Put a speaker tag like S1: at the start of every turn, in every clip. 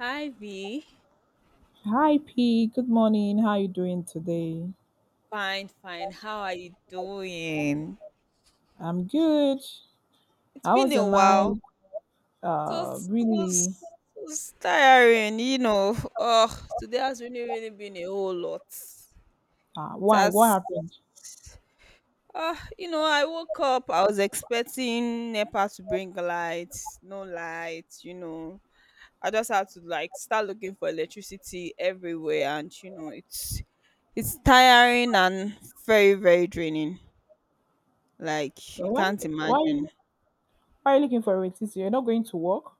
S1: Hi V.
S2: Hi P, good morning. How you doing today?
S1: Fine, fine. How are you doing?
S2: I'm good.
S1: It's
S2: How
S1: been
S2: was
S1: a
S2: your night?
S1: while. It was, it
S2: Really?
S1: was, it was tiring, you know. Oh, today has really, really been a whole lot. It
S2: Why? What
S1: has,
S2: happened?
S1: you know, I woke up. I was expecting NEPA to bring lights. No lights, you know. I just had to like start looking for electricity everywhere, and you know, it's tiring and very, very draining. Like you
S2: So why?
S1: can't
S2: Why are
S1: imagine.
S2: you? Why are you looking for a TC? You're not going to work?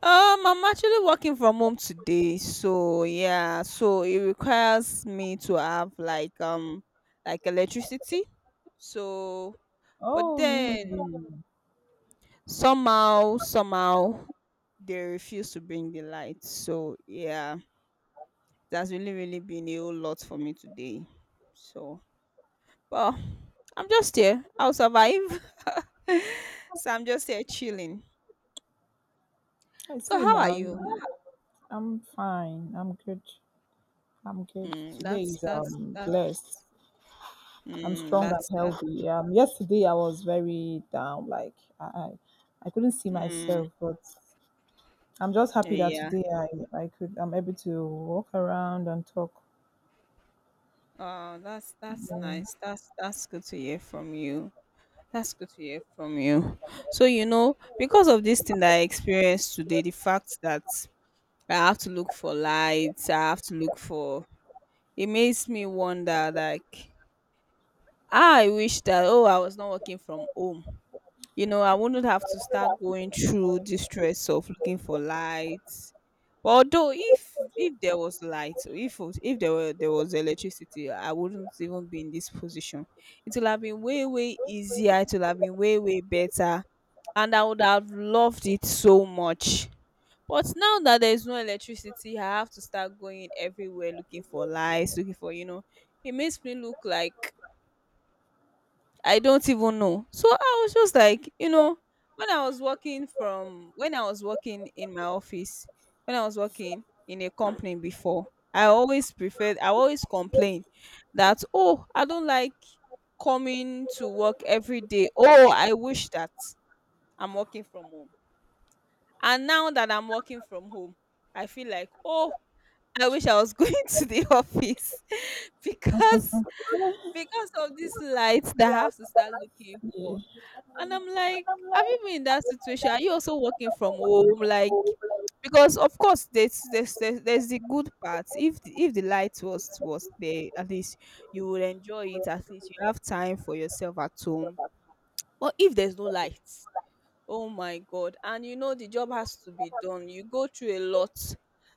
S1: I'm actually working from home today, so yeah, so it requires me to have like electricity. So, but
S2: Oh, really?
S1: then somehow they refuse to bring the light. So yeah, that's really really been a whole lot for me today. So, well, I'm just here. I'll survive. So I'm just here chilling.
S2: I
S1: So
S2: see
S1: how are
S2: now.
S1: you?
S2: You- I'm fine. I'm good. I'm good.
S1: Mm,
S2: Today is
S1: that's
S2: blessed. I'm
S1: mm,
S2: strong and
S1: that's that
S2: healthy. Yesterday I was very down. Like I, I I couldn't see
S1: mm,
S2: myself, but I'm just
S1: yeah.
S2: happy that
S1: Yeah.
S2: today I'm able to walk around and talk.
S1: Oh, that's
S2: Yeah.
S1: nice. That's good to hear from you. That's good to hear from you. So you know, because of this thing that I experienced today, the fact that I have to look for lights, I have to look for it makes me wonder like ah, I wish that oh I was not working from home, you know, I wouldn't have to start going through the stress of looking for lights. But although if there was light or if there was electricity, I wouldn't even be in this position. It would have been way way easier, it would have been way way better, and I would have loved it so much. But now that there's no electricity, I have to start going everywhere looking for lights, looking for, you know, it makes me look like I don't even know. So I was just like, you know, when I was working in my office, when I was working in a company before, I always complain that oh, I don't like coming to work every day. Oh, I wish that I'm working from home. And now that I'm working from home, I feel like, oh, I wish I was going to the office because because of this light that I have to start looking
S2: Yeah.
S1: for. And I'm like, have you been in that situation? Are you also working from home? Like, because of course there's the good part. If the light was there, at least you would enjoy it. At least you have time for yourself at home. But if there's no light, oh my God. And you know the job has to be done. You go through a lot.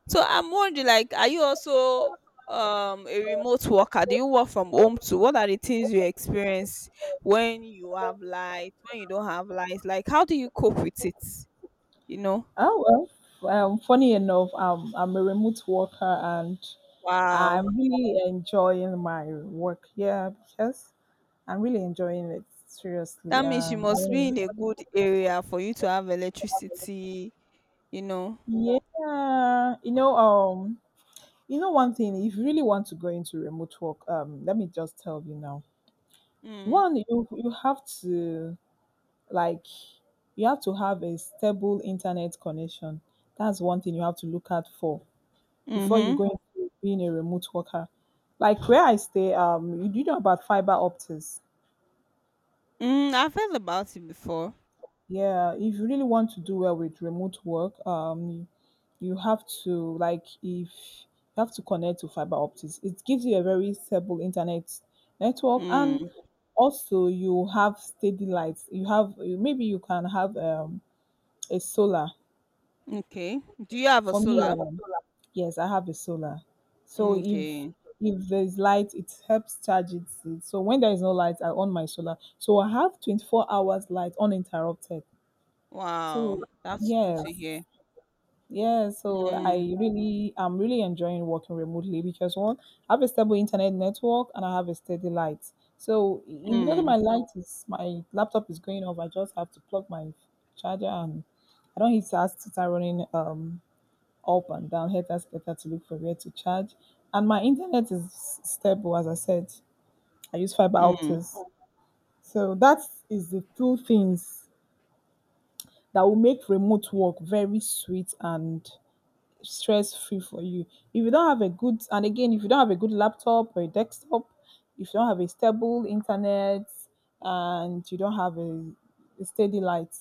S1: So I'm wondering, like, are you also a remote worker? Do you work from home too? What are the things you experience when you have light, when you don't have light? Like, how do you cope with it? You know?
S2: Oh well. Funny enough, I'm a remote worker and
S1: Wow.
S2: I'm really enjoying my work. Yeah, because I'm really enjoying it
S1: That
S2: seriously.
S1: means you must be in a good area for you to have electricity, you know.
S2: Yeah. Yeah, you know one thing, if you really want to go into remote work, let me just tell you now.
S1: Mm.
S2: One, you have to like you have to have a stable internet connection. That's one thing you have to look out for before you
S1: Mm-hmm.
S2: go into being a remote worker. Like where I stay, you do know about fiber optics.
S1: Mm, I've heard about it before.
S2: Yeah, if you really want to do well with remote work, you have to like if you have to connect to fiber optics. It gives you a very stable internet network, and
S1: Mm.
S2: also you have steady lights. You have you- maybe you can have a solar.
S1: Okay. Do you have a
S2: For me,
S1: solar?
S2: yes, I have a solar. So
S1: Mm,
S2: if
S1: okay.
S2: if there's light, it helps charge it. So when there is no light, I on my solar. So I have 24 hours light uninterrupted.
S1: Wow,
S2: So
S1: that's good to
S2: yes,
S1: hear.
S2: yeah. So
S1: Mm,
S2: I'm really enjoying working remotely because one, I have a stable internet network and I have a steady light. So immediately
S1: mm,
S2: my laptop is going off. I just have to plug my charger and I don't need to ask to start running up and down, helped us better to look for where to charge. And my internet is stable, as I said. I use fiber
S1: mm,
S2: optics. So that is the two things that will make remote work very sweet and stress free for you. If you don't have a good laptop or a desktop, if you don't have a stable internet and you don't have a steady light,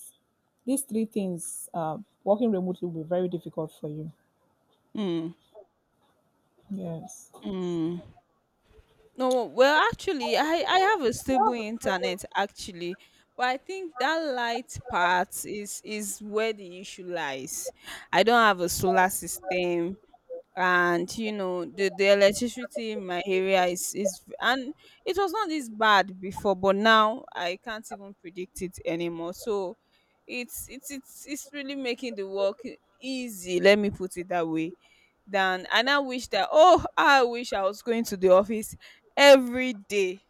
S2: these three things working remotely will be very difficult for you.
S1: mm,
S2: Yes.
S1: mm. No, well, actually, I have a stable internet actually, but I think that light part is where the issue lies. I don't have a solar system. And you know the electricity in my area is, and it was not this bad before but now I can't even predict it anymore. So it's really making the work easy, let me put it that way, than, and I wish that oh I wish I was going to the office every day,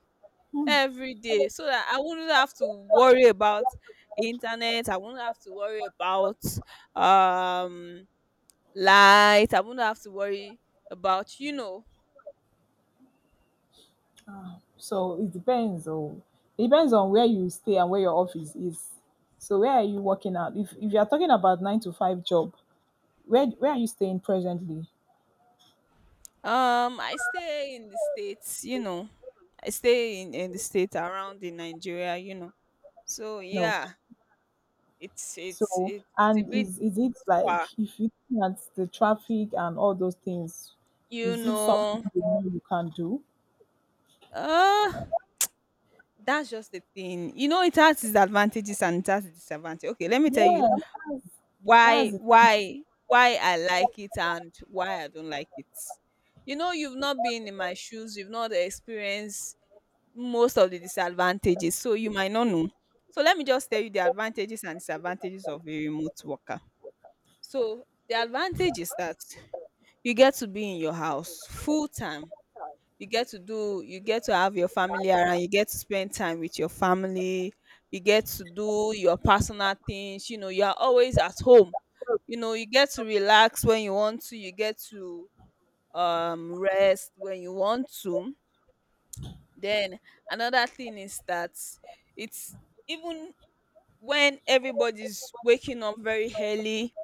S1: every day, so that I wouldn't have to worry about internet, I wouldn't have to worry about um light. I wouldn't have to worry about, you know.
S2: So it depends on where you stay and where your office is. So where are you working at? If you are talking about nine to five job, where are you staying presently?
S1: I stay in the states, you know. I stay in the state around in Nigeria, you know. So
S2: No.
S1: yeah, it's it's
S2: So
S1: it, it's a
S2: and
S1: bit
S2: is it
S1: far,
S2: like if you look at the traffic and all those things,
S1: you
S2: is it something
S1: know.
S2: you know you can do?
S1: Uh that's just the thing. You know, it has its advantages and it has its disadvantages. Okay, let me tell you
S2: Yes,
S1: why
S2: that's
S1: why why I like it and why I don't like it. You know, you've not been in my shoes, you've not experienced most of the disadvantages, so you might not know. So let me just tell you the advantages and disadvantages of a remote worker. So the advantage is that you get to be in your house full time. You get to have your family around, you get to spend time with your family, you get to do your personal things, you know, you are always at home. You know, you get to relax when you want to, you get to rest when you want to. Then another thing is that it's even when everybody's waking up very early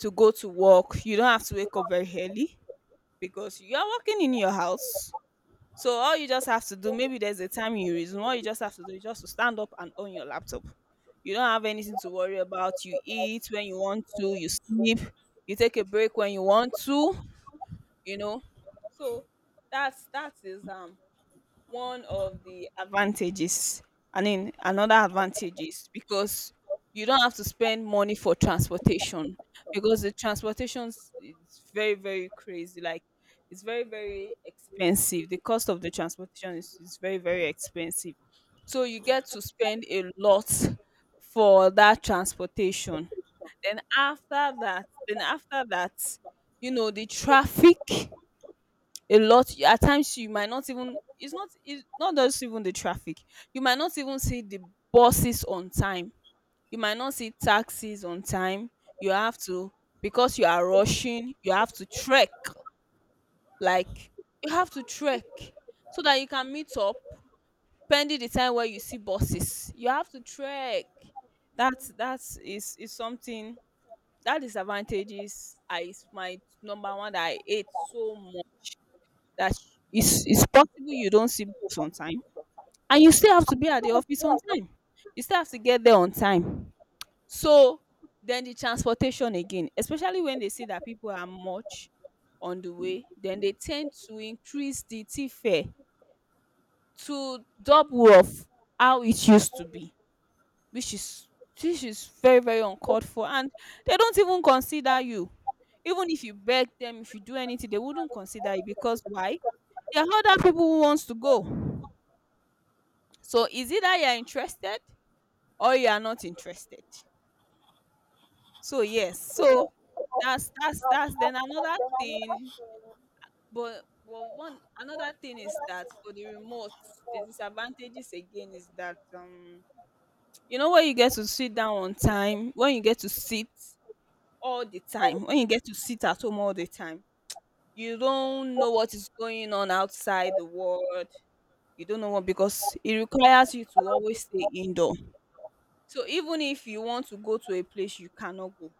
S1: to go to work, you don't have to wake up very early because you are working in your house. So all you just have to do, maybe there's a time you resume, all you just have to do is just to stand up and on your laptop. You don't have anything to worry about. You eat when you want to, you sleep, you take a break when you want to, you know. So that's that is one of the advantages. I mean, another advantage is because you don't have to spend money for transportation, because the is very very crazy, like it's very very expensive, the cost of the transportation is very very expensive, so you get to spend a lot for that transportation. Then after that, you know, the traffic, a lot at times you might not even, it's not, it's not just even the traffic, you might not even see the buses on time, you might not see taxis on time. You have to, because you are rushing, you have to trek, like you have to trek so that you can meet up, pending the time where you see buses, you have to trek. That's that's is is something that disadvantages, I is my number one that I hate. So that it's possible you don't see bus on time and you still have to be at the office on time, you still have to get there on time. So then the transportation again, especially when they see that people are much on the way, then they tend to increase the tea fare to double of how it used to be, which is which is very very uncalled for. And they don't even consider you, even if you beg them, if you do anything they wouldn't consider you, because why, there are other people who wants to go. So it's either you're interested or you are not interested. So yes, so that's then another thing. But well, one, another thing is that for the remote, the disadvantages again is that you know, when you get to sit down on time, when you get to sit all the time, when you get to sit at home all the time, you don't know what is going on outside the world. You don't know what, because it requires you to always stay indoor. So even if you want to go to a place, you cannot go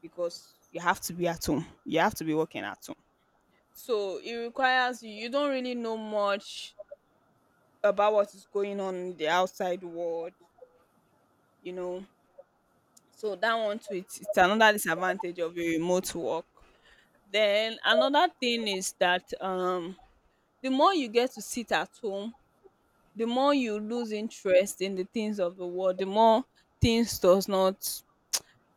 S1: because you have to be at home. You have to be working at home. So it requires you. You don't really know much about what is going on in the outside world, you know. So that one too, it's another disadvantage of a remote work. Then another thing is that the more you get to sit at home, the more you lose interest in the things of the world. The more things does not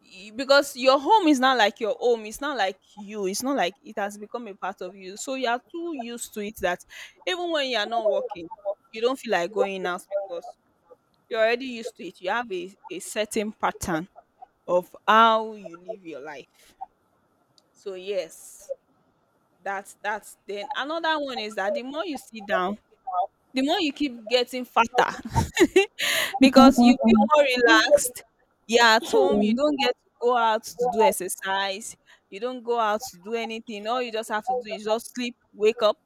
S1: because your home is not like your home, it's not like you, it's not like it has become a part of you, so you are too used to it that even when you are not working, you don't feel like going out because you're already used to it. You have a certain pattern of how you live your life. So yes, that's then another one is that the more you sit down, the more you keep getting fatter because you feel more relaxed. You're at home, you
S2: it.
S1: don't get to go out to do exercise, you don't go out to do anything. All you just have to do is just sleep, wake up,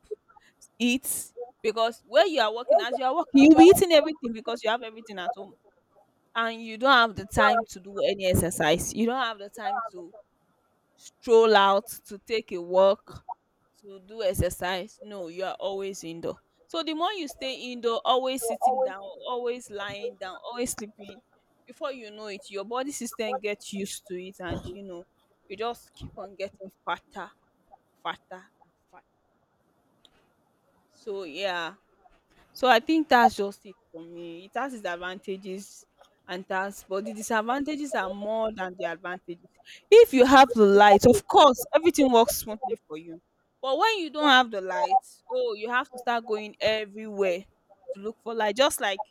S1: eat. Because where you are working, as you are working, you'll be eating everything because you have everything at home. And you don't have the time to do any exercise. You don't have the time to stroll out, to take a walk, to do exercise. No, you are always indoor. So the more you stay indoor, always sitting down, always lying down, always sleeping, before you know it, your body system gets used to it and you just keep on getting fatter, fatter and fatter. So yeah, so I think that's just it for me. It has its advantages and that's but the disadvantages are more than the advantages. If you have the light, of course, everything works smoothly for you. But when you don't have the light, oh, you have to start going everywhere to look for light. Just like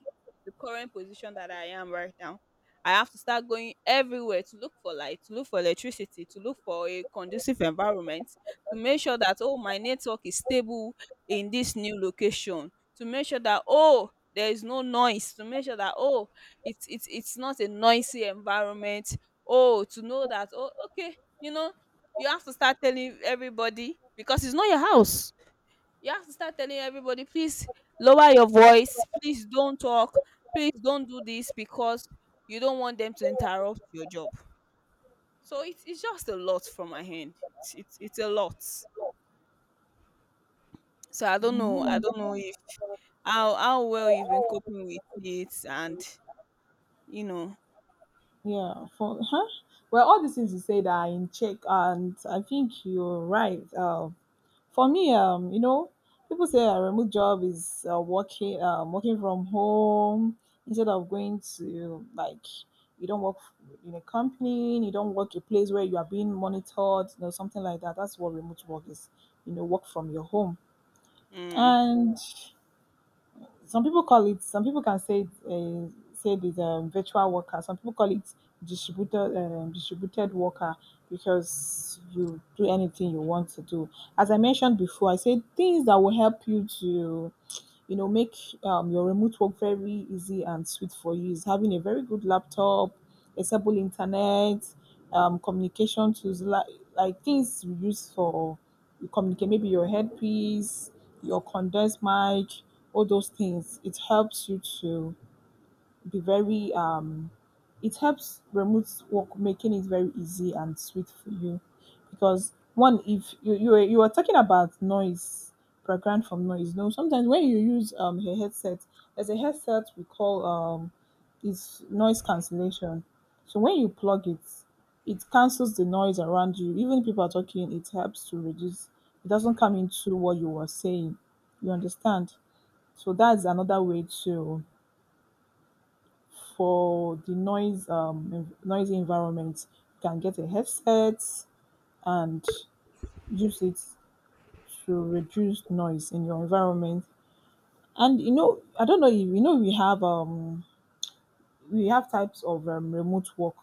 S1: the current position that I am right now. I have to start going everywhere to look for light, to look for electricity, to look for a conducive environment, to make sure that oh my network is stable in this new location, to make sure that oh there is no noise, to make sure that oh it's not a noisy environment. Oh, to know that oh, okay, you have to start telling everybody because it's not your house. You have to start telling everybody, please lower your voice, please don't talk, please don't do this, because you don't want them to interrupt your job. So it's just a lot from my hand. It's a lot. So i don't know i don't know if how well you've been coping with it. And you know?
S2: Yeah, for huh? Well, all these things you said are in check, and I think you're right. For me, you know, people say a remote job is working working from home instead of going to like you don't work in a company, you don't work a place where you are being monitored, you know, something like that. That's what remote work is. You know, work from your home.
S1: Mm.
S2: And some people can say it is a virtual worker, some people call it distributed distributed worker because you do anything you want to do. As I mentioned before, I said things that will help you to, you know, make your remote work very easy and sweet for you is having a very good laptop, accessible internet, communication tools like things you use for you communicate, maybe your headpiece, your condensed mic, all those things. It helps you to be very it helps remote work making it very easy and sweet for you because one, if you were talking about noise, background from noise. No, sometimes when you use a headset, there's a headset we call it's noise cancellation. So when you plug it, it cancels the noise around you. Even if people are talking, it helps to reduce, it doesn't come into what you were saying. You understand? So that's another way to, for the noise noisy environment, you can get a headset and use it to reduce noise in your environment. And you know, I don't know if you know, we have types of remote work.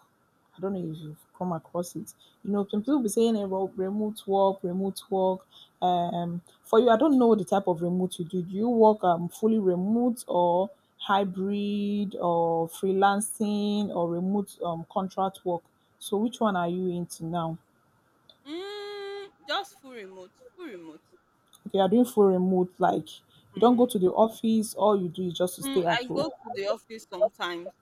S2: I don't know if you've come across it. You know, some people be saying eh, remote work, remote work. For you, I don't know the type of remote you do. Do you work fully remote or hybrid or freelancing or remote contract work? So which one are you into now?
S1: Mm, just full remote, full remote.
S2: Okay, you're doing full remote, like you don't go
S1: Mm.
S2: to the office. All you do is just to
S1: Mm,
S2: stay at
S1: I
S2: home.
S1: go to the office sometimes.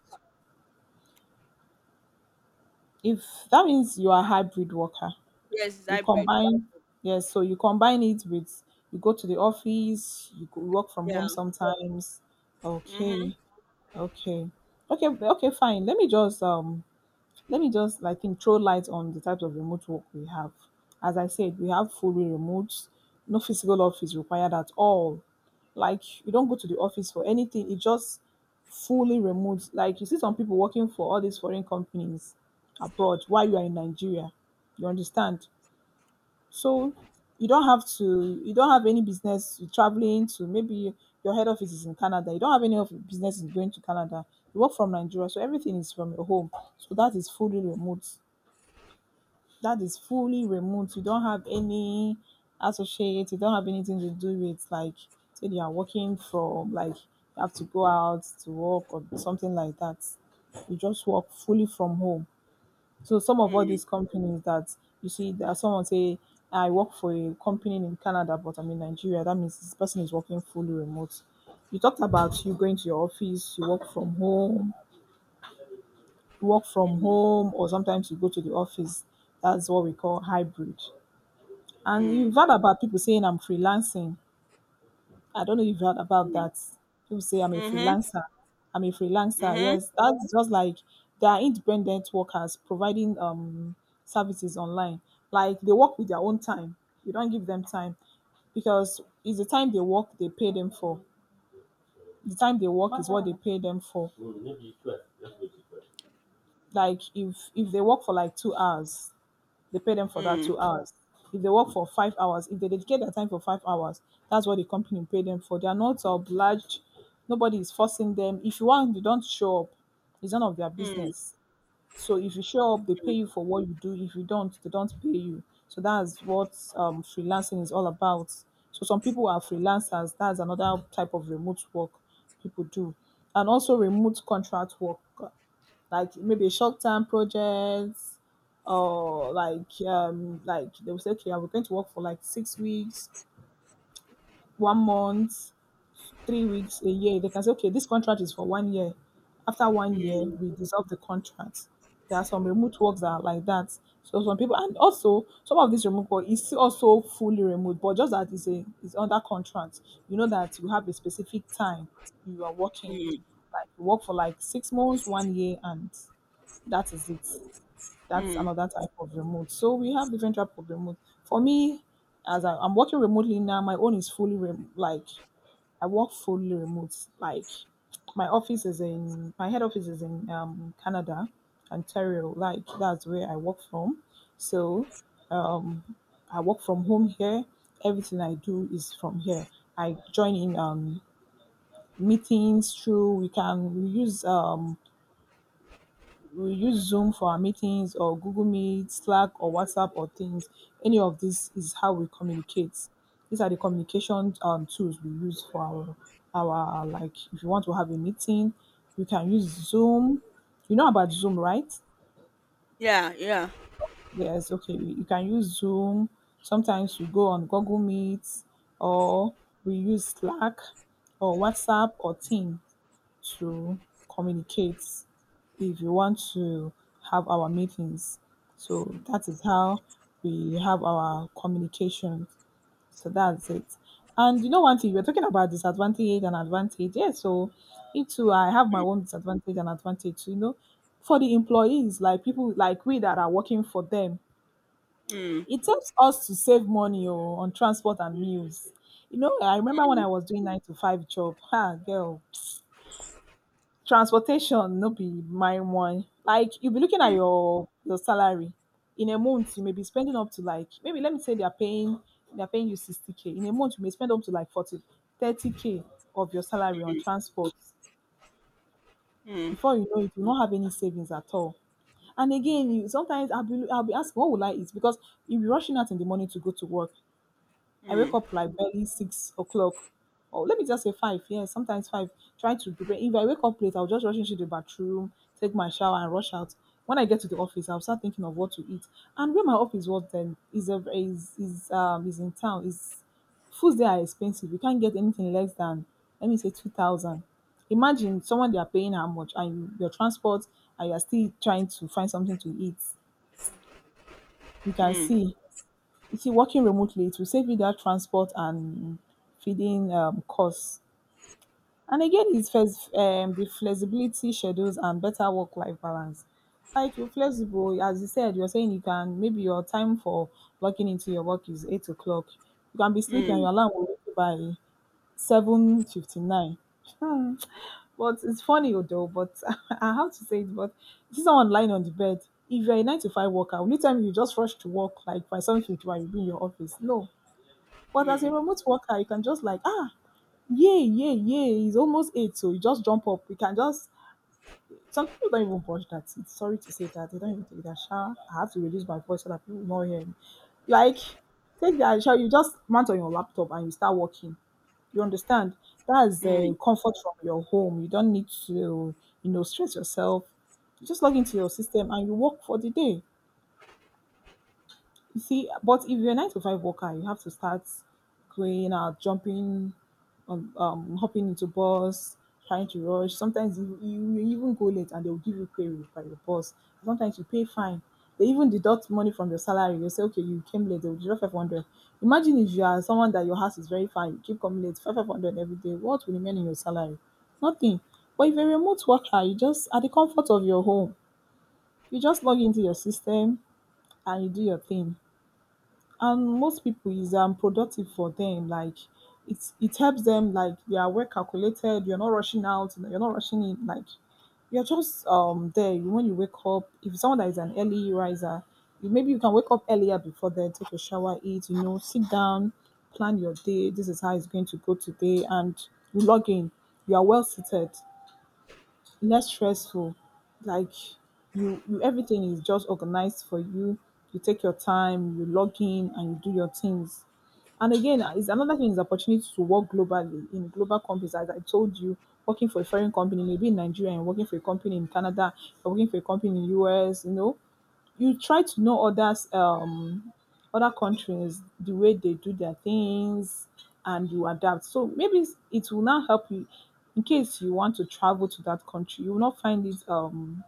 S2: If that means you are a hybrid worker.
S1: Yes, it's
S2: You
S1: hybrid.
S2: combine, yes, so you combine it with you go to the office, you go work from
S1: Yeah.
S2: home sometimes. Okay,
S1: Mhm.
S2: okay, okay, fine. Let me just like think throw light on the types of remote work we have. As I said, we have fully remote, no physical office required at all. Like you don't go to the office for anything. It just fully remote. Like you see some people working for all these foreign companies abroad while you are in Nigeria. You understand? So you don't have to, you don't have any business traveling to maybe your head office is in Canada. You don't have any of your business is going to Canada. You work from Nigeria, so everything is from your home. So that is fully remote. That is fully remote. You don't have any associate. You don't have anything to do with like say you are working from like you have to go out to work or something like that. You just work fully from home. So some of all
S1: Mm,
S2: these companies that you see that someone say, I work for a company in Canada, but I'm in Nigeria. That means this person is working fully remote. You talked about you going to your office, you work from home,
S1: mm,
S2: or sometimes you go to the office. That's what we call hybrid. And
S1: mm,
S2: you've heard about people saying I'm freelancing. I don't know if you heard about
S1: mm.
S2: that. People say I'm a
S1: Mhm.
S2: freelancer.
S1: Mhm.
S2: Yes, that's just like they are independent workers providing services online. Like they work with their own time. You don't give them time because it's the time they work they pay them for. The time they work is what they pay them for. Like if they work for like 2 hours, they pay them for that
S1: Mm,
S2: 2 hours. If they work for 5 hours, if they dedicate their time for 5 hours, that's what the company pay them for. They are not obliged. Nobody is forcing them. If you want, you don't show up. It's none of their
S1: mm,
S2: business. So if you show up, they
S1: mm,
S2: pay you for what you do. If you don't, they don't pay you. So that's what freelancing is all about. So some people are freelancers. That's another type of remote work people do, and also remote contract work like maybe short term projects or like they will say okay I'm going to work for like 6 weeks, one month, 3 weeks, a year. They can say okay this contract is for one year, after one year
S1: mm,
S2: we dissolve the contract. There are some remote works that are like that. So some people, and also some of this remote work is still also fully remote, but just that it's a it's under contract. You know that you have a specific time you are working,
S1: mm,
S2: like you work for like 6 months, one year, and that is it. That's
S1: mm.
S2: another type of remote. So we have different type of remote. For me, as I, I'm working remotely now, my own is fully rem- like I work fully remote. Like my head office is in Canada, Ontario. Like that's where I work from. So I work from home here. Everything I do is from here. I join in meetings through. We use we use Zoom for our meetings, or Google Meet, Slack, or WhatsApp or Teams. Any of this is how we communicate. These are the communication tools we use for our, like, if you want to have a meeting, you can use Zoom. You know about Zoom, right?
S1: Yeah, yeah.
S2: Yes, okay. we- You can use Zoom. Sometimes we go on Google Meet or we use Slack or WhatsApp or Teams to communicate if you want to have our meetings. So that is how we have our communication. So that's it. And you know one thing, you were talking about disadvantage and advantage. Yes, so it too, I have my own disadvantage and advantage. You know, for the employees, like people like we that are working for them,
S1: Mm,
S2: it helps us to save money oh, on transport and meals. You know, I remember when
S1: mm,
S2: I was doing nine to five job. Ha, girl, transportation no be my one. Like you'll be looking at
S1: mm,
S2: your salary. In a month, you may be spending up to like maybe let me say they're paying you 60k. In a month, you may spend up to like 40, 30k k of your salary on transport.
S1: mm,
S2: Before you know it, you won't have any savings at all. And again, you sometimes I'll be asking what will I eat? Because you'll be rushing out in the morning to go to work. I wake
S1: mm,
S2: up like barely 6 o'clock, or let me just say five. Yeah, sometimes five. Trying to prepare. If I wake up late, I'll just rush into the bathroom, take my shower, and rush out. When I get to the office, I'll start thinking of what to eat. And where my office was then is in town. Is foods there are expensive. You can't get anything less than let me say 2,000. Imagine someone they are paying how much, and you- your transport, and you are still trying to find something to eat. You can see you see, working remotely, it will save you that transport and feeding costs. And again, it's first, the flexibility schedules and better work-life balance. Like you're flexible, as you said, you're saying you can maybe your time for logging into your work is 8 o'clock. You can be
S1: mm,
S2: sleeping, and
S1: mm,
S2: your alarm will wake you by 7:59. But it's funny though. But I have to say it. But you see someone lying on the bed. If you're a nine to five worker, will you tell me you just rush to work like by 7:51, you'll be in your office? No, but as a
S1: mm,
S2: remote worker, you can just like, ah, yay, yay, yay, it's almost eight, so you just jump up. You can just. Some people don't even watch that. It's sorry to say that. They don't even take that shower. I have to reduce my voice so that people will not hear me. Like, take that shower. You just mount on your laptop and you start working. You understand? That's
S1: mm.
S2: the comfort from your home. You don't need to, you know, stress yourself. You just log into your system and you work for the day. You see, but if you're a nine to five worker, you have to start going out, jumping, hopping into bus, trying to rush. Sometimes you even go late and they'll give you query by your boss. Sometimes you pay fine. They even deduct money from your salary. They say, okay, you came late, they'll deduct 500. Imagine if you are someone that your house is very far, you keep coming late, 500 every day. What will remain in your salary? Nothing. But if you're a remote worker, you just, at the comfort of your home, you just log into your system and you do your thing, and most people is productive for them. Like it helps them, like they are well calculated. You're not rushing out, you're not rushing in. Like you're just there. When you wake up, if someone that is an early riser, you- maybe you can wake up earlier before, then take a shower, eat, you know, sit down, plan your day, this is how it's going to go today, and you log in. You are well seated, less stressful. Like you everything is just organized for you. You take your time, you log in, and you do your things. And again, is another thing is opportunity to work globally in global companies. As I told you, working for a foreign company, maybe in Nigeria, and working for a company in Canada, or working for a company in US, you know, you try to know others other countries, the way they do their things, and you adapt. So it will now help you. In case you want to travel to that country, you will not find it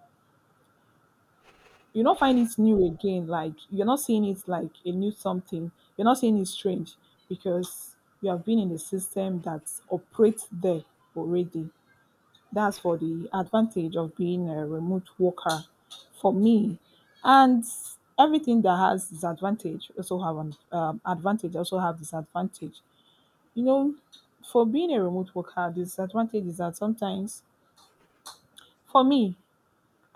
S2: you will not find it new again. Like you're not seeing it like a new something, you're not seeing it strange, because you have been in a system that operates there already. That's for the advantage of being a remote worker, for me. And everything that has disadvantage also have an advantage, also have disadvantage. You know, for being a remote worker, the disadvantage is that sometimes, for me,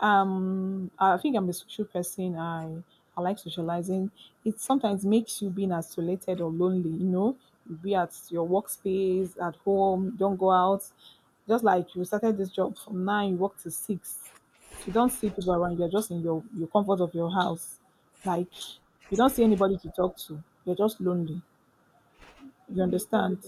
S2: I think I'm a social person. I like socializing. It sometimes makes you being isolated or lonely. You know, you be at your workspace, at home, don't go out. Just like you started this job from nine, you work to six. You don't see people around. You're just in your comfort of your house. Like you don't see anybody to talk to. You're just lonely. You understand?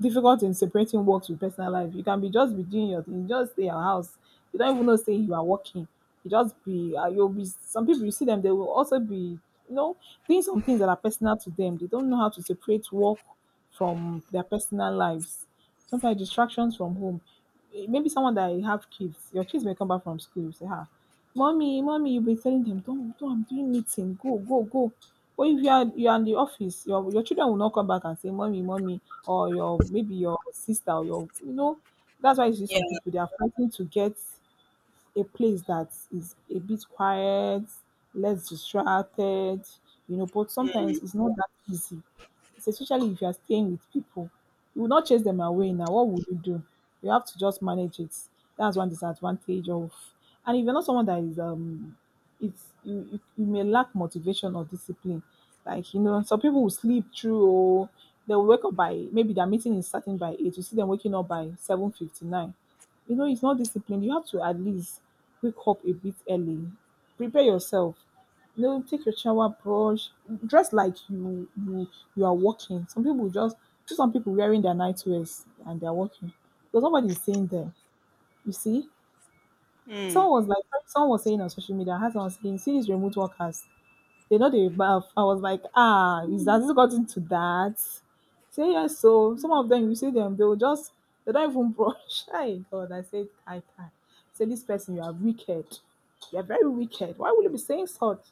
S2: Difficult in separating works with personal life. You can be just be doing your thing, just stay at your house. You don't even know say you are working. You just be you'll be, some people you see them, they will also be, you know, doing some things that are personal to them. They don't know how to separate work from their personal lives. Sometimes distractions from home. Eh, maybe someone that you have kids, your kids may come back from school, you say, ah, mommy, mommy, you'll be telling them, don't, I'm doing meeting, go, go, go. But if you are in the office, your children will not come back and say, mommy, mommy, or your maybe your sister or your, you know, that's why you see some
S1: Yeah.
S2: people they are fighting to get a place that is a bit quiet, less distracted, you know. But sometimes it's not that easy, especially if you are staying with people. You will not chase them away now. What would you do? You have to just manage it. That's one disadvantage of, and if you're not someone that is it's you may lack motivation or discipline. Like, you know, some people will sleep through or they'll wake up by maybe their meeting is starting by eight. You see them waking up by 7:59. You know, it's not discipline. You have to at least wake up a bit early. Prepare yourself. No, take your shower, brush, dress like you are working. Some people just, see some people wearing their night wears and they are working because nobody is seeing them. You see,
S1: Mm,
S2: someone was like, someone was saying on social media, I had someone saying, see these remote workers, they know they bath. I was like, ah, is that, has it gotten to that? Say yes, so some of them you see them, they'll just, they don't even brush. My God, I said, I can. Say this person, you are wicked. You are very wicked. Why would you be saying such?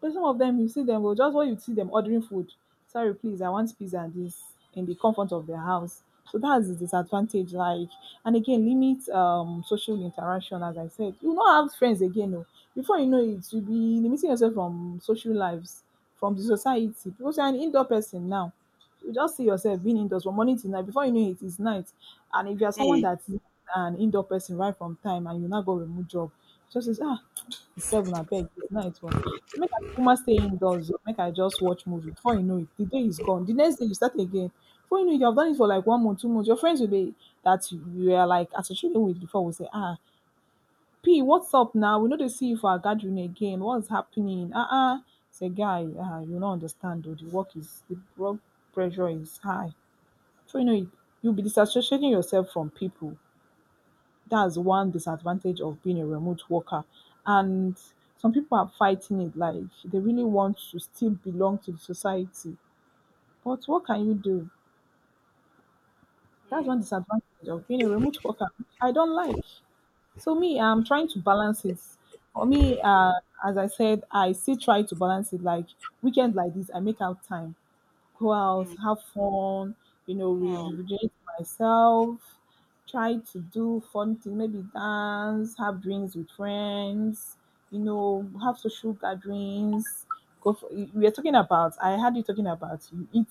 S2: But some of them, you see them oh, just when you see them ordering food, "Sorry please, I want pizza and this," in the comfort of their house. So that's the disadvantage, like, and again limit social interaction as I said. You not have friends again oh. Before you know it, you'll be limiting yourself from social lives, from the society. Because you're an indoor person now, you just see yourself being indoors from morning till night. Before you know it, it's night. And if you are someone
S1: mm,
S2: that is an indoor person right from time and you now go remote job, just says, ah, it's seven, I beg, it's night. Well, make I kuma stay indoors, oh, make I just watch movie. Before you know it, the day is gone. The next day you start again. Before you know it, you have done it for like 1 month, 2 months. Your friends will be that you are like associated with before will say, ah, P what's up now? We no dey see you for our gathering again, what's happening? Ah ah, say guy you no understand oo, the work is the work. Pressure is high. So you know you'll be disassociating yourself from people, that's one disadvantage of being a remote worker, and some people are fighting it, like they really want to still belong to the society, but what can you do? That's
S1: mm,
S2: one disadvantage of being a remote worker I don't like. So me, I'm trying to balance it. For me, as I said, I still try to balance it. Like weekend like this, I make out time, go out,
S1: mm,
S2: have fun,
S1: mm,
S2: rejuvenate myself, try to do fun things, maybe dance, have drinks with friends, have social gatherings. Go for, we are talking about. I had you talking about you eat.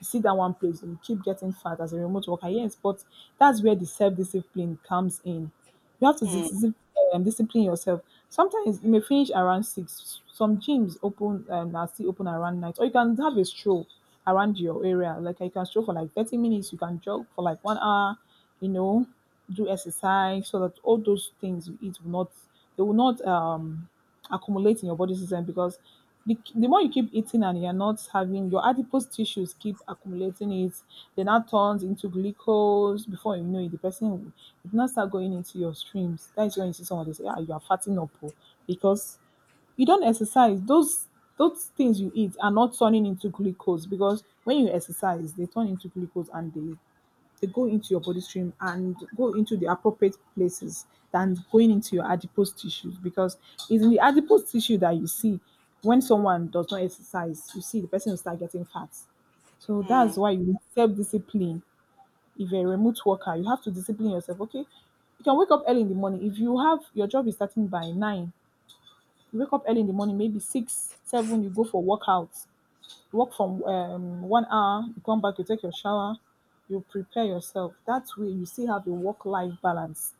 S2: You sit down one place, you keep getting fat as a remote worker. Yes, but that's where the self discipline comes in. You have to
S1: mm,
S2: discipline yourself. Sometimes you may finish around six. Some gyms open are still open around night, or you can have a stroll around your area. Like you can stroll for like 30 minutes. You can jog for like 1 hour. You know, do exercise so that all those things you eat will not, they will not accumulate in your body system, because the more you keep eating and you're not having your adipose tissues keep accumulating it, then that turns into glucose. Before you know it, the person will- it now start going into your streams. That is when you see someone they say, "Ah, you are fatting up oh," because you don't exercise. Those things you eat are not turning into glucose, because when you exercise, they turn into glucose and they go into your body stream and go into the appropriate places than going into your adipose tissues, because it's in the adipose tissue that you see when someone does not exercise, you see the person will start getting fat. So
S1: mm,
S2: that's why you need self-discipline. If you're a remote worker, you have to discipline yourself. Okay, you can wake up early in the morning. If you have, your job is starting by nine, you wake up early in the morning, maybe six, seven, you go for workouts, work from 1 hour, you come back, you take your shower, you prepare yourself. That way, you still have a work life balance.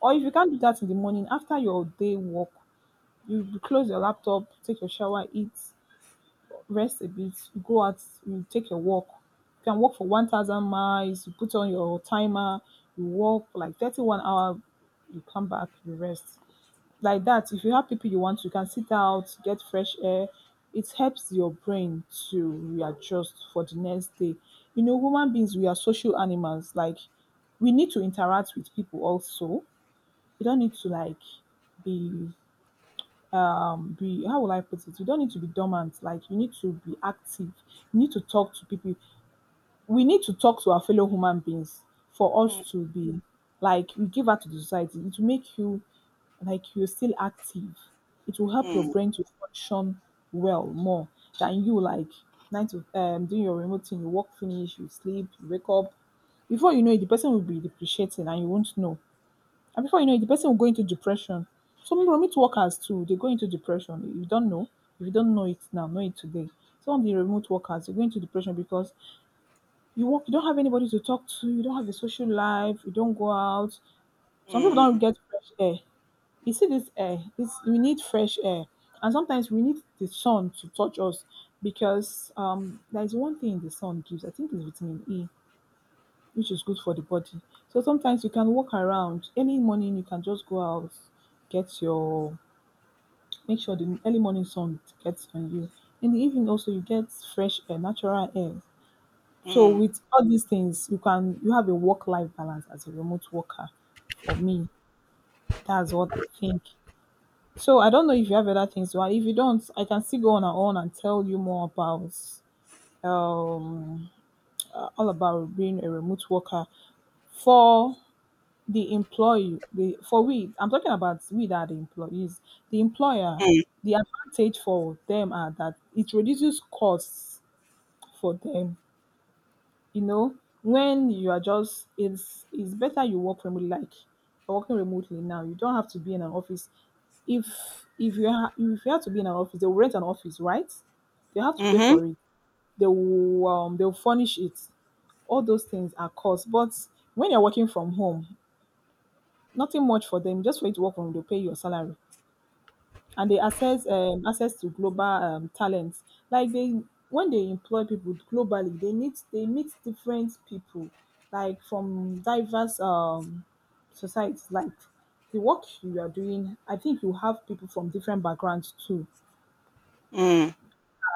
S2: Or if you can't do that in the morning, after your day work, you close your laptop, take your shower, eat, rest a bit, you go out, you take your walk. You can walk for 1,000 miles, you put on your timer, you walk for like 31 hour. You come back, you rest like that. If you have people you want, you can sit out, get fresh air. It helps your brain to readjust for the next day. You know, human beings, we are social animals. Like, we need to interact with people also. You don't need to like be be, how will I put it, you don't need to be dormant. Like, you need to be active, you need to talk to people. We need to talk to our fellow human beings for
S1: mm,
S2: us
S1: mm,
S2: to be like, you give out to the society. It will make you like you're still active. It will help your
S1: mm,
S2: brain to function well, more than you like nine to doing your remote thing. You work finish, you sleep, you wake up. Before you know it, the person will be depreciating and you won't know. And before you know it, the person will go into depression. Some remote workers too, they go into depression. You don't know. If you don't know it now, know it today. Some of the remote workers they go into depression, because you work, you don't have anybody to talk to, you don't have a social life, you don't go out. Some people don't
S1: mm,
S2: get fresh air. You see this air, this, we need fresh air. And sometimes we need the sun to touch us, because there is one thing the sun gives, I think it's vitamin E, which is good for the body. So sometimes you can walk around. Early morning you can just go out, get your, make sure the early morning sun gets on you. In the evening also you get fresh air, natural air. So
S1: mm.
S2: with all these things, you can, you have a work-life balance as a remote worker. For me, that's what I think. So I don't know if you have other things. Well, if you don't, I can still go on and tell you more about um all about being a remote worker for the employee. The for we, I'm talking about we that are the employees, the employer.
S1: Mm.
S2: The advantage for them are that it reduces costs for them. You know, when you are just, it's better you work remotely. Like, you're working remotely now, you don't have to be in an office. if if you ha- if you have to be in an office, they'll rent an office, right? They have to pay
S1: Mhm.
S2: for it. They will they'll furnish it. All those things are costs, but when you're working from home, nothing much for them, just for you to work from, they'll pay your salary. And they access access to global talent. Like they, when they employ people globally, they need, they meet different people like from diverse societies. Like the work you are doing, I think you have people from different backgrounds too
S1: Mm,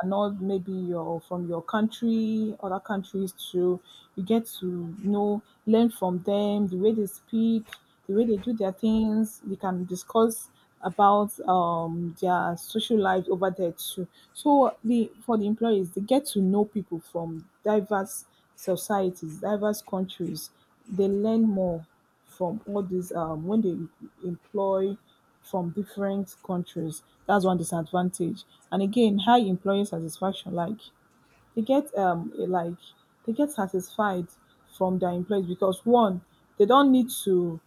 S2: are not, maybe you're from your country, other countries too. You get to, you know, learn from them, the way they speak, the way they do their things. You can discuss about their social life over there too. So the for the employees, they get to know people from diverse societies, diverse countries. They learn more from all these when they employ from different countries. That's one disadvantage. And again, high employee satisfaction. Like, they get like they get satisfied from their employees, because one, they don't need to,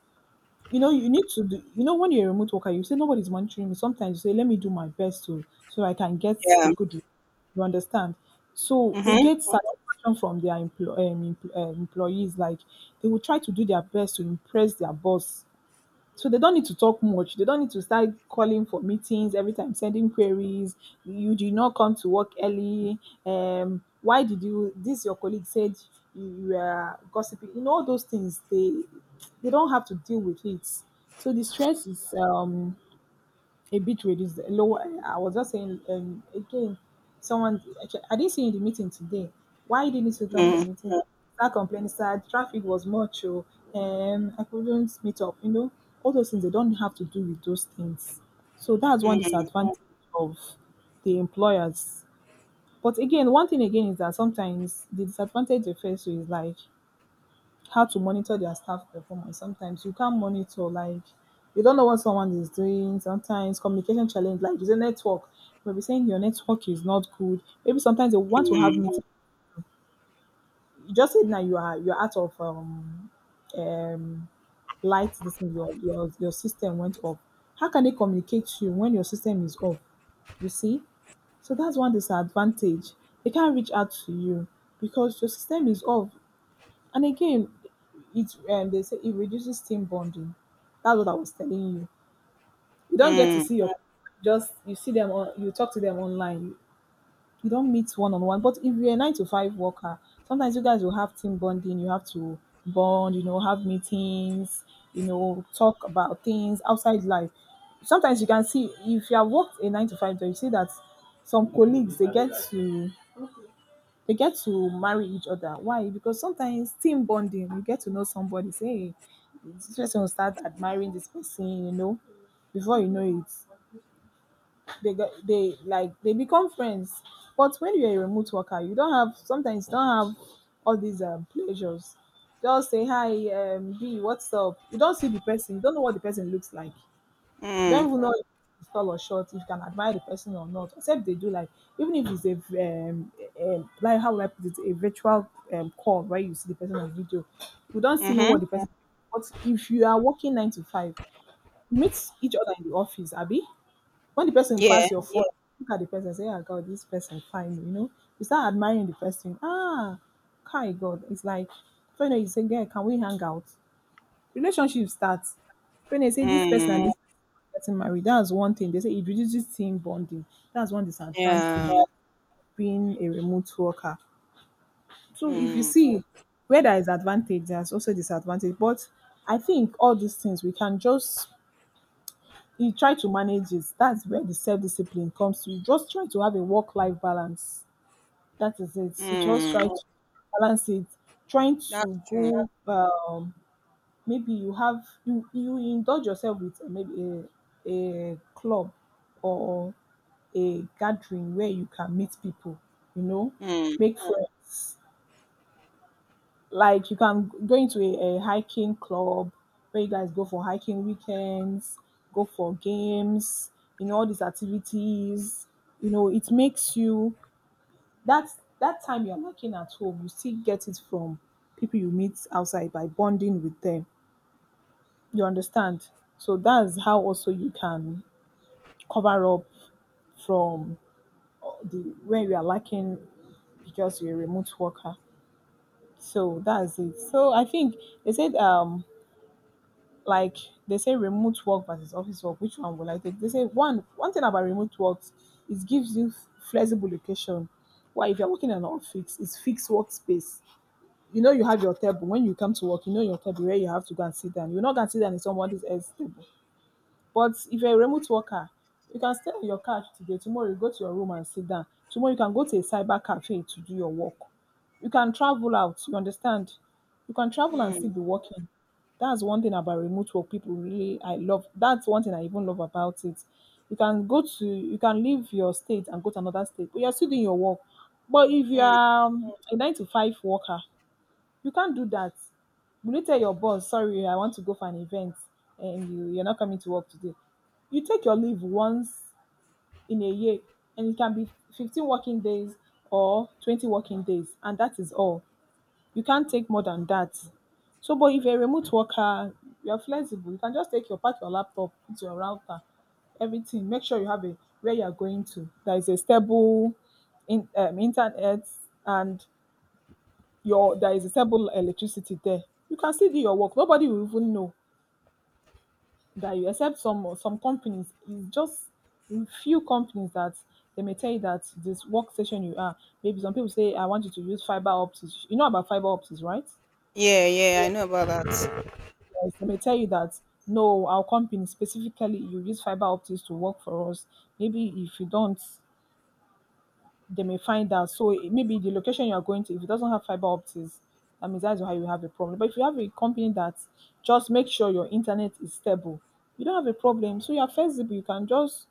S2: you know, you need to do, you know, when you're a remote worker, you say, "Nobody's monitoring me." Sometimes you say, "Let me do my best to, so I can get
S1: yeah.
S2: a good, re-" you understand? So they
S1: Mhm,
S2: get satisfaction from their employees. Like they will try to do their best to impress their boss. So they don't need to talk much. They don't need to start calling for meetings every time, sending queries. "You did not come to work early. Why did you? This your colleague said you you were gossiping." You know all those things, they don't have to deal with it. So the stress is a bit reduced. Lower. I was just saying again, someone actually, "I didn't see you in the meeting today. Why didn't you come for
S1: mm,
S2: the meeting?" Start complaining, start, "Traffic was much. Oh, I couldn't meet up." You know, all those things they don't have to do with those things. So that's one
S1: mm,
S2: disadvantage of the employers. But again, one thing again is that sometimes the disadvantage they face is like how to monitor their staff performance. Sometimes you can't monitor. Like, you don't know what someone is doing. Sometimes communication challenge, like you say network, maybe saying your network is not good. Maybe sometimes they want to have
S1: mm,
S2: meeting, you just said, "Now you are, you're out of um light, this thing, your system went off." How can they communicate to you when your system is off? You see, so that's one disadvantage. They can't reach out to you, because your system is off. And again, it they say it reduces team bonding. That's what I was telling you. You don't get to see your, just you see them on, you talk to them online. You don't meet one on one. But if you're a nine to five worker, sometimes you guys will have team bonding. You have to bond. You know, have meetings. You know, talk about things outside life. Sometimes you can see, if you have worked a nine to five job, you see that some colleagues they get to, they get to marry each other. Why? Because sometimes team bonding, you get to know somebody, say, "Hey, this person," will start admiring this person, you know, before you know it, they get, they like, they become friends. But when you're a remote worker, you don't have, sometimes you don't have all these pleasures. Just say, "Hi, B, what's up?" You don't see the person, you don't know what the person looks like.
S1: mm,
S2: Don't even know if it's tall or short, if you can admire the person or not, except they do like, even if it's a um, like how would I put it, a virtual call where you see the person on video, we don't see know
S1: mhm,
S2: what the person. But if you are working nine to five, meet each other in the office, Abby. When the person
S1: yeah,
S2: pass your phone, look at the person, say, "Ah, God, this person fine," you know. You start admiring the person. Ah, my God, it's like, you say, "Girl, can we hang out?" Relationship starts when they say this person and
S1: mm,
S2: this person getting married. That's one thing they say, it reduces team bonding. That's one disadvantage
S1: yeah,
S2: being a remote worker. So if you
S1: mm,
S2: see, where there is advantage there's also disadvantage. But I think all these things we can just, you try to manage it. That's where the self-discipline comes to. You just try to have a work-life balance. That is it, you just try
S1: mm.
S2: to balance it. Trying
S1: That's
S2: to
S1: true.
S2: go maybe you have you indulge yourself with maybe a, a club or a gathering where you can meet people, you know
S1: Mm,
S2: make friends. Like you can go into a hiking club where you guys go for hiking weekends, go for games, all these activities. It makes you that time you're lacking at home, you still get it from people you meet outside by bonding with them. You understand? So that's how also you can cover up from the when you are lacking, because you're a remote worker. So that's it. So I think they said like they say remote work versus office work. Which one will I take? They say one thing about remote work is, gives you flexible location. Why if you're working in an office, it's fixed workspace. You know you have your table. When you come to work, you know your table where you have to go and sit down. You're not gonna sit down in someone else's table. But if you're a remote worker, you can stay on your couch today, tomorrow you go to your room and sit down. Tomorrow you can go to a cyber cafe to do your work. You can travel out, you understand? You can travel and
S1: mm,
S2: still be working. That's one thing about remote work people really I love. That's one thing I even love about it. You can go to, you can leave your state and go to another state, but you're still doing your work. But if you
S1: mm.
S2: are a nine to five worker, you can't do that. Will you tell your boss sorry I want to go for an event, and you're not coming to work today? You take your leave once in a year, and it can be 15 working days or 20 working days, and that is all. You can't take more than that. So, but if you're a remote worker, you're flexible. You can just take your, pack your laptop, put your router, everything. Make sure you have a, where you're going to there is a stable in internet, and your there is a stable electricity there, you can still do your work. Nobody will even know that you, except some companies. It's just few companies that they may tell you that this workstation you are. Maybe some people say, I want you to use fiber optics. You know about fiber optics, right?
S1: Yeah, yeah, I know about that.
S2: Yes, they may tell you that no, our company specifically you use fiber optics to work for us. Maybe if you don't, they may find out. So maybe the location you are going to, if it doesn't have fiber optics, that means that's why you have a problem. But if you have a company that just make sure your internet is stable, you don't have a problem. So you're flexible. You can just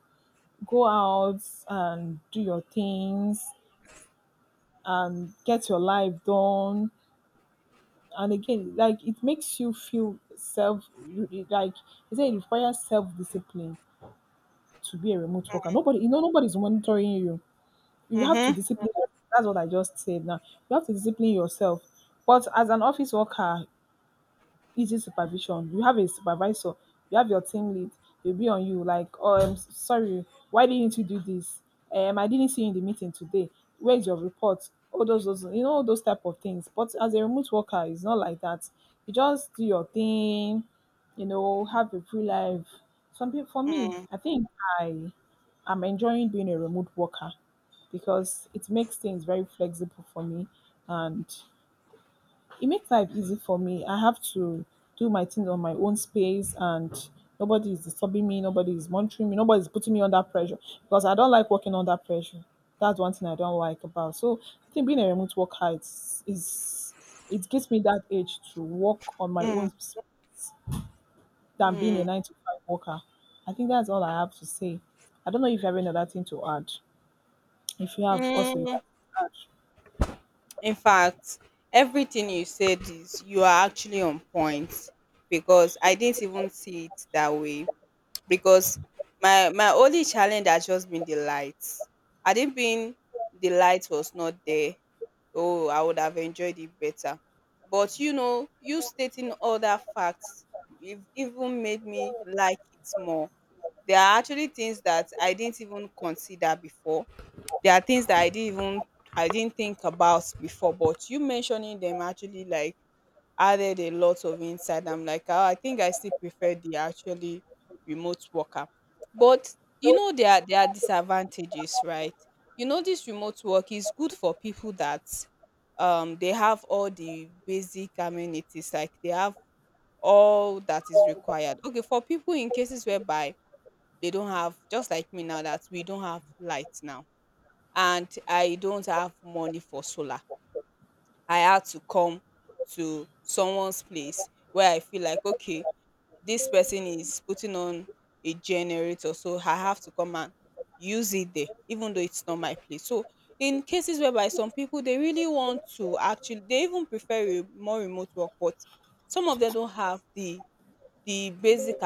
S2: go out and do your things and get your life done. And again, like it makes you feel self like you say it requires self discipline to be a remote worker. Nobody, nobody's monitoring you. You have to
S1: Mhm,
S2: discipline, that's what I just said now. You have to discipline yourself. But as an office worker, easy supervision. You have a supervisor, you have your team lead, they'll be on you like, oh, I'm sorry, why didn't you do this? I didn't see you in the meeting today. Where's your report? All those, all those type of things. But as a remote worker, it's not like that. You just do your thing, have a free life. Some people, for me,
S1: mm,
S2: I think I am enjoying being a remote worker because it makes things very flexible for me, and it makes life easy for me. I have to do my things on my own space, and nobody is disturbing me, nobody is monitoring me, nobody is putting me under pressure, because I don't like working under pressure. That's one thing I don't like about. So I think being a remote worker is, it gives me that edge to work on my
S1: mm,
S2: own space than being a
S1: mm,
S2: nine to five worker. I think that's all I have to say. I don't know if you have any other thing to add. If you have, also you
S1: mm.
S2: can add.
S1: In fact, everything you said, is you are actually on point, because I didn't even see it that way. Because my only challenge has just been the lights. Had it been the light was not there, oh, I would have enjoyed it better. But you know, you stating all that facts even made me like it more. There are actually things that I didn't even consider before. There are things that I didn't even, I didn't think about before, but you mentioning them actually like added a lot of insight. I'm like, oh, I think I still prefer the actually remote worker. But you know, there are disadvantages, right? You know, this remote work is good for people that they have all the basic amenities, like they have all that is required. Okay, for people in cases whereby they don't have, just like me now, that we don't have light now and I don't have money for solar. I had to come to someone's place where I feel like, okay, this person is putting on a generator, so I have to come and use it there, even though it's not my place. So in cases whereby some people they really want to actually, they even prefer more remote work, but some of them don't have the basic